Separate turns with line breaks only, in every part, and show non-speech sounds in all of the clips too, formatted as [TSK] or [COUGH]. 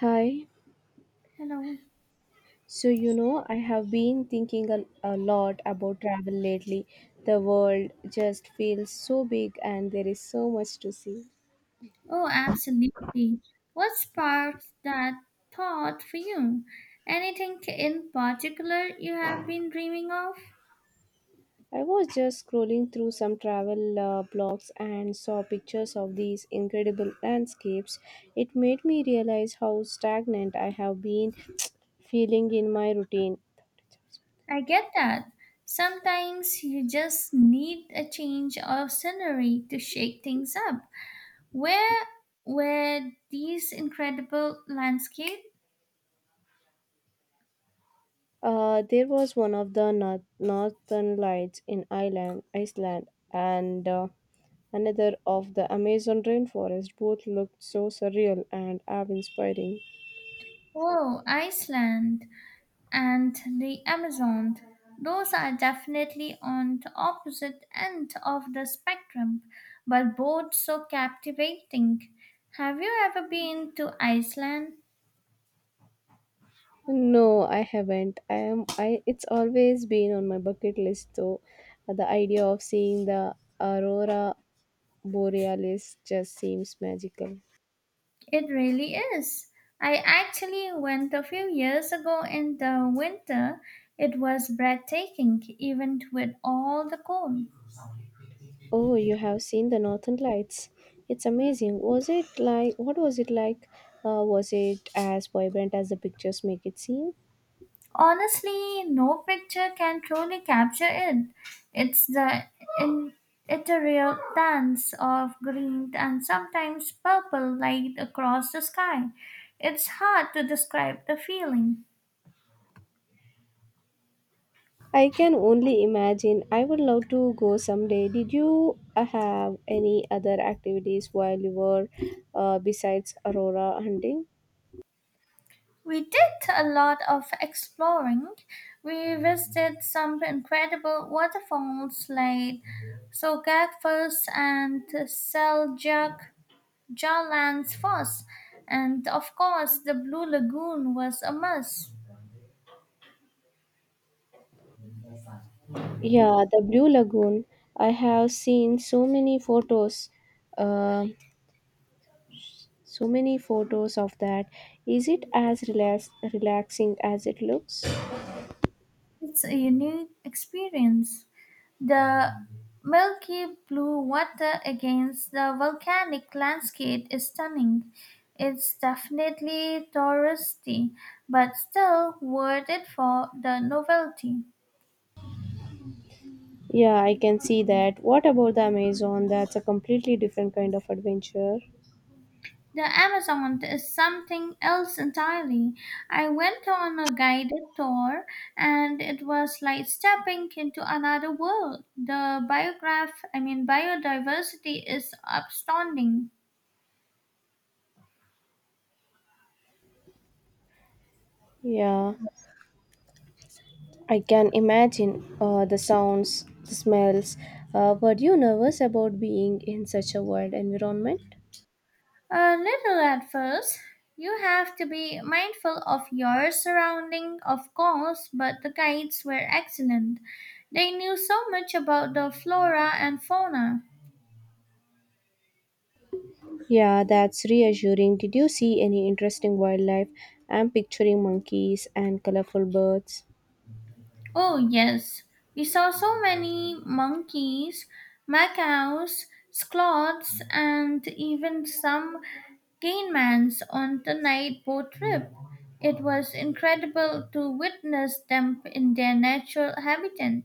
Hi.
Hello.
So, you know, I have been thinking a lot about travel lately. The world just feels so big and there is so much to see.
Oh, absolutely. What sparked that thought for you? Anything in particular you have been dreaming of?
I was just scrolling through some travel blogs and saw pictures of these incredible landscapes. It made me realize how stagnant I have been [TSK] feeling in my routine.
I get that. Sometimes you just need a change of scenery to shake things up. Where were these incredible landscapes?
There was one of the northern lights in Iceland, and another of the Amazon rainforest. Both looked so surreal and awe-inspiring.
Oh, Iceland and the Amazon. Those are definitely on the opposite end of the spectrum, but both so captivating. Have you ever been to Iceland?
No, I haven't. I am. I. It's always been on my bucket list, though. The idea of seeing the aurora borealis just seems magical.
It really is. I actually went a few years ago in the winter. It was breathtaking, even with all the cold.
Oh, you have seen the Northern Lights. It's amazing. Was it like? What was it like? Was it as vibrant as the pictures make it seem?
Honestly, no picture can truly capture it. It's the in, ethereal dance of green and sometimes purple light across the sky. It's hard to describe the feeling.
I can only imagine. I would love to go someday. Did you have any other activities while you were besides aurora hunting?
We did a lot of exploring. We visited some incredible waterfalls like Sogakfus and Seljak Jarlans first, and of course, the Blue Lagoon was a must.
Yeah, the Blue Lagoon. I have seen so many photos, uh, of that. Is it as relaxing as it looks?
It's a unique experience. The milky blue water against the volcanic landscape is stunning. It's definitely touristy, but still worth it for the novelty.
Yeah, I can see that. What about the Amazon? That's a completely different kind of adventure.
The Amazon is something else entirely. I went on a guided tour and it was like stepping into another world. The biograph, I mean biodiversity is astounding.
Yeah. I can imagine the sounds, the smells. Were you nervous about being in such a wild environment?
A little at first. You have to be mindful of your surrounding, of course, but the guides were excellent. They knew so much about the flora and fauna.
Yeah, that's reassuring. Did you see any interesting wildlife? I'm picturing monkeys and colorful birds.
Oh, yes. We saw so many monkeys, macaws, sloths, and even some caimans on the night boat trip. It was incredible to witness them in their natural habitat.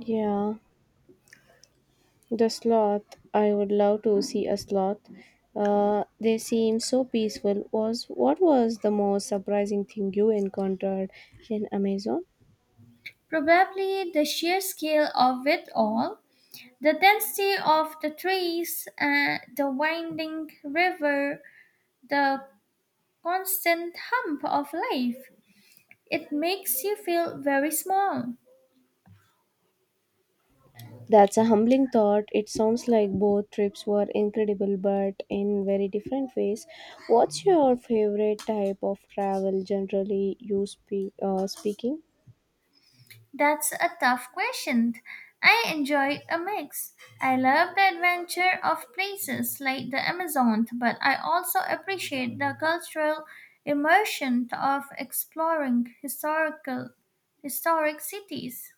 Yeah, the sloth. I would love to see a sloth. They seem so peaceful. Was What was the most surprising thing you encountered in Amazon?
Probably the sheer scale of it all, the density of the trees, the winding river, the constant hum of life. It makes you feel very small.
That's a humbling thought. It sounds like both trips were incredible, but in very different ways. What's your favorite type of travel, speaking?
That's a tough question. I enjoy a mix. I love the adventure of places like the Amazon, but I also appreciate the cultural immersion of exploring historic cities.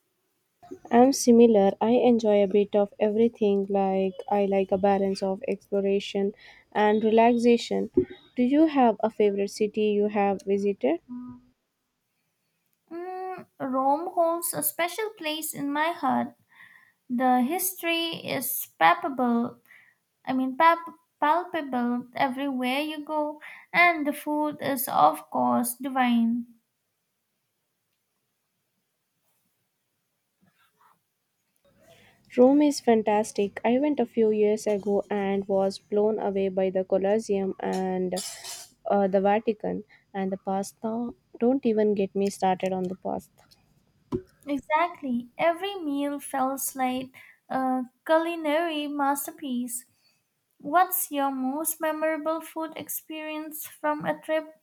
I'm similar. I enjoy a bit of everything. Like I like a balance of exploration and relaxation. Do you have a favorite city you have visited?
Rome holds a special place in my heart. The history is palpable I mean, pap- palpable everywhere you go, and the food is, of course, divine.
Rome is fantastic. I went a few years ago and was blown away by the Colosseum and the Vatican and the pasta. Don't even get me started on the pasta.
Exactly. Every meal feels like a culinary masterpiece. What's your most memorable food experience from a trip?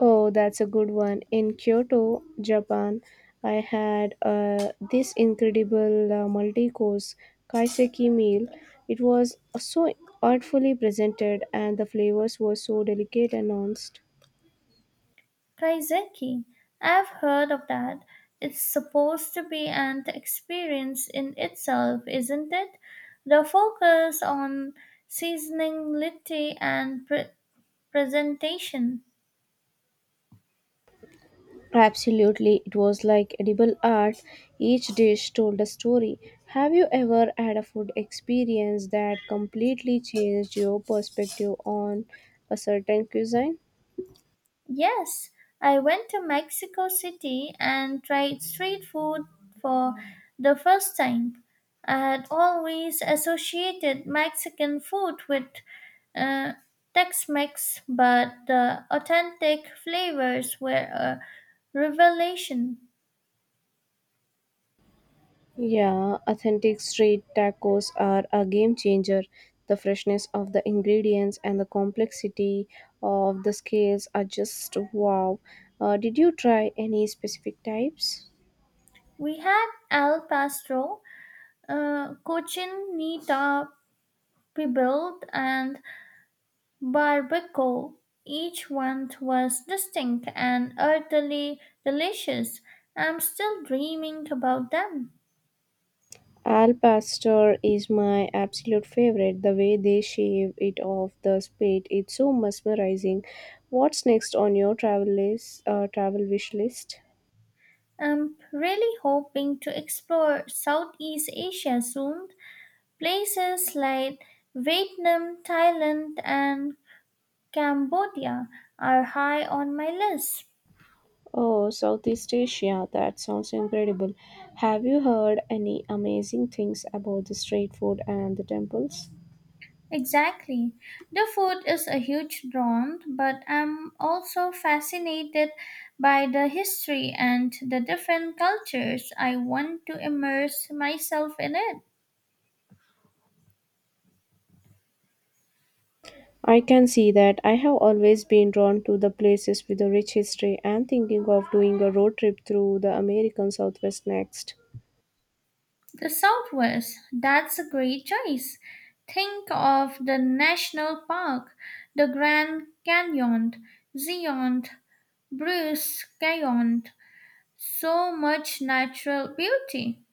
Oh, that's a good one. In Kyoto, Japan, I had this incredible multi course kaiseki meal. It was so artfully presented and the flavors were so delicate and nuanced.
Kaiseki. I've heard of that. It's supposed to be an experience in itself, isn't it? The focus on seasonality and presentation.
Absolutely, it was like edible art. Each dish told a story. Have you ever had a food experience that completely changed your perspective on a certain cuisine?
Yes, I went to Mexico City and tried street food for the first time. I had always associated Mexican food with uh, Tex Mex, but the authentic flavors were a revelation.
Yeah, authentic street tacos are a game changer. The freshness of the ingredients and the complexity of the scales are just wow. Did you try any specific types?
We had El Paso, cochinita pibil, and Barbacoa. Each one was distinct and utterly delicious. I'm still dreaming about them.
Al Pastor is my absolute favorite. The way they shave it off the plate, it's so mesmerizing. What's next on your travel wish list?
I'm really hoping to explore Southeast Asia soon. Places like Vietnam, Thailand, and Cambodia are high on my list.
Oh, Southeast Asia. That sounds incredible. Have you heard any amazing things about the street food and the temples?
Exactly. The food is a huge draw, but I'm also fascinated by the history and the different cultures. I want to immerse myself in it.
I can see that. I have always been drawn to the places with a rich history and thinking of doing a road trip through the American Southwest next.
The Southwest, that's a great choice. Think of the National Park, the Grand Canyon, Zion, Bruce Canyon, so much natural beauty.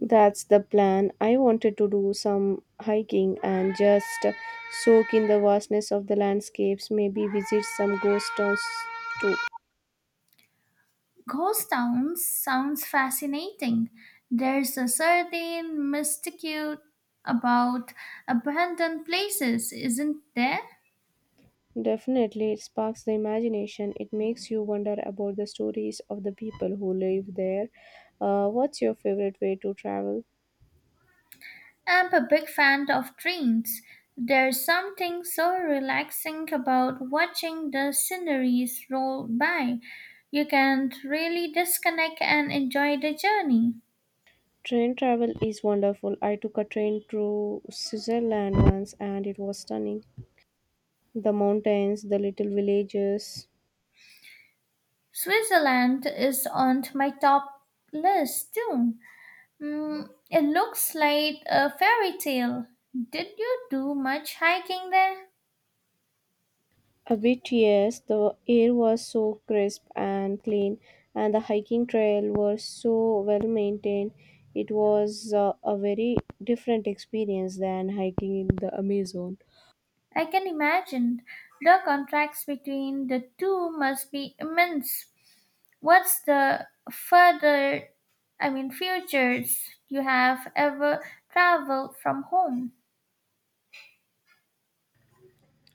That's the plan. I wanted to do some hiking and just soak in the vastness of the landscapes, maybe visit some ghost towns too.
Ghost towns sounds fascinating. There's a certain mystique about abandoned places, isn't there?
Definitely, it sparks the imagination. It makes you wonder about the stories of the people who live there. What's your favorite way to travel?
I'm a big fan of trains. There's something so relaxing about watching the sceneries roll by. You can really disconnect and enjoy the journey.
Train travel is wonderful. I took a train to Switzerland once and it was stunning. The mountains, the little villages.
Switzerland is on my top list too. It looks like a fairy tale. Did you do much hiking there?
A bit, yes. The air was so crisp and clean, and the hiking trail was so well maintained. It was a very different experience than hiking in the Amazon.
I can imagine. The contrast between the two must be immense. What's the further, I mean, Futures you have ever traveled from home?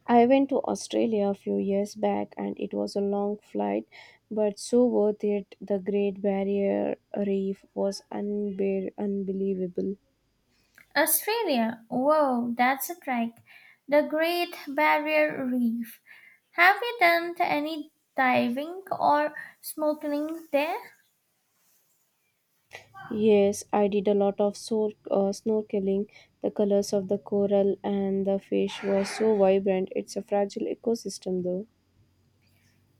I went to Australia a few years back, and it was a long flight, but so worth it. The Great Barrier Reef was unbelievable.
Australia. Whoa, that's a trek. The Great Barrier Reef. Have you done any diving or snorkeling there?
Yes, I did a lot of snorkeling. The colors of the coral and the fish were so vibrant. It's a fragile ecosystem, though.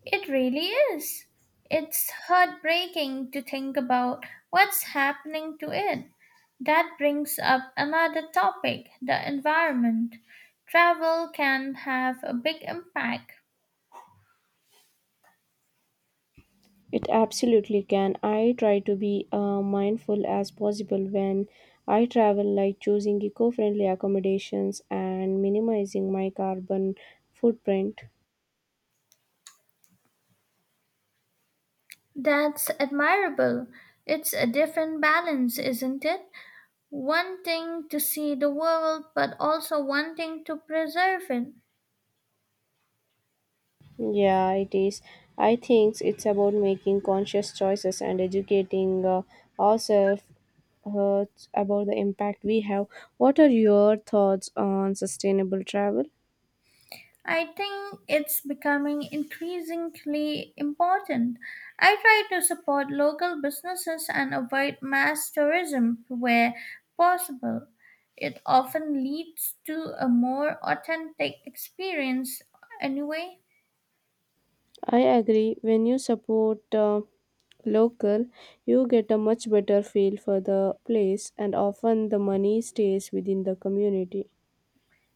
It really is. It's heartbreaking to think about what's happening to it. That brings up another topic, the environment. Travel can have a big impact.
It absolutely can. I try to be mindful as possible when I travel, like choosing eco friendly accommodations and minimizing my carbon footprint.
That's admirable. It's a different balance, isn't it? Wanting to see the world, but also wanting to preserve it.
Yeah, it is. I think it's about making conscious choices and educating ourselves uh, about the impact we have. What are your thoughts on sustainable travel?
I think it's becoming increasingly important. I try to support local businesses and avoid mass tourism where possible. It often leads to a more authentic experience, anyway.
I agree. When you support local, you get a much better feel for the place, and often the money stays within the community.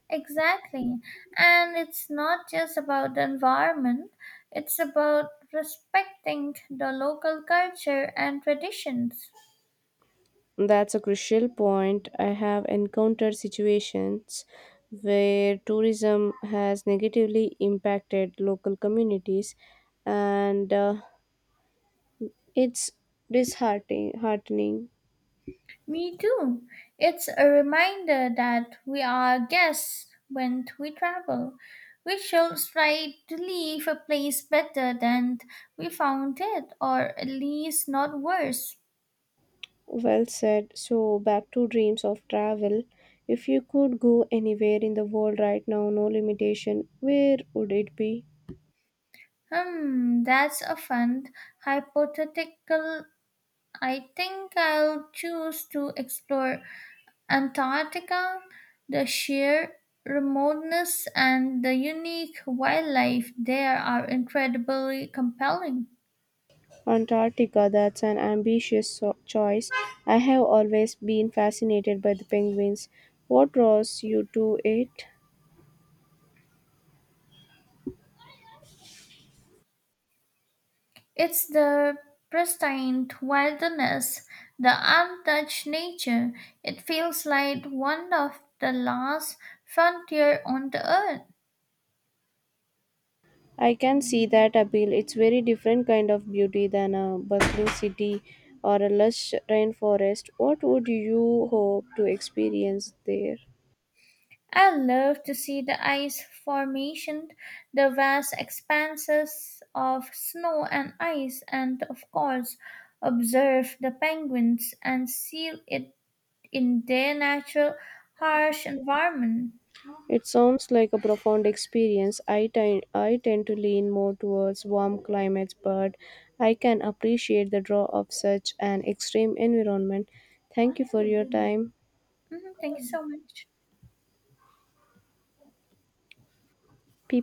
Exactly. And it's not just about the environment, it's about respecting the local culture and traditions.
That's a crucial point. I have encountered situations where tourism has negatively impacted local communities, and it's disheartening. Heartening.
Me too. It's a reminder that we are guests when we travel. We should try to leave a place better than we found it, or at least not worse.
Well said. So, back to dreams of travel. If you could go anywhere in the world right now, no limitation, where would it be?
That's a fun hypothetical. I think I'll choose to explore Antarctica, the sheer remoteness and the unique wildlife there are incredibly compelling.
Antarctica, that's an ambitious choice. I have always been fascinated by the penguins. What draws you to it?
It's the pristine wilderness, the untouched nature. It feels like one of the last frontier on the earth.
I can see that appeal. It's very different kind of beauty than a bustling city or a lush rainforest. What would you hope to experience there?
I love to see the ice formation, the vast expanses of snow and ice, and of course, observe the penguins and see it in their natural, harsh environment.
It sounds like a profound experience. I tend to lean more towards warm climates, but I can appreciate the draw of such an extreme environment. Thank you for your time.
Mhm, thank you so much.
People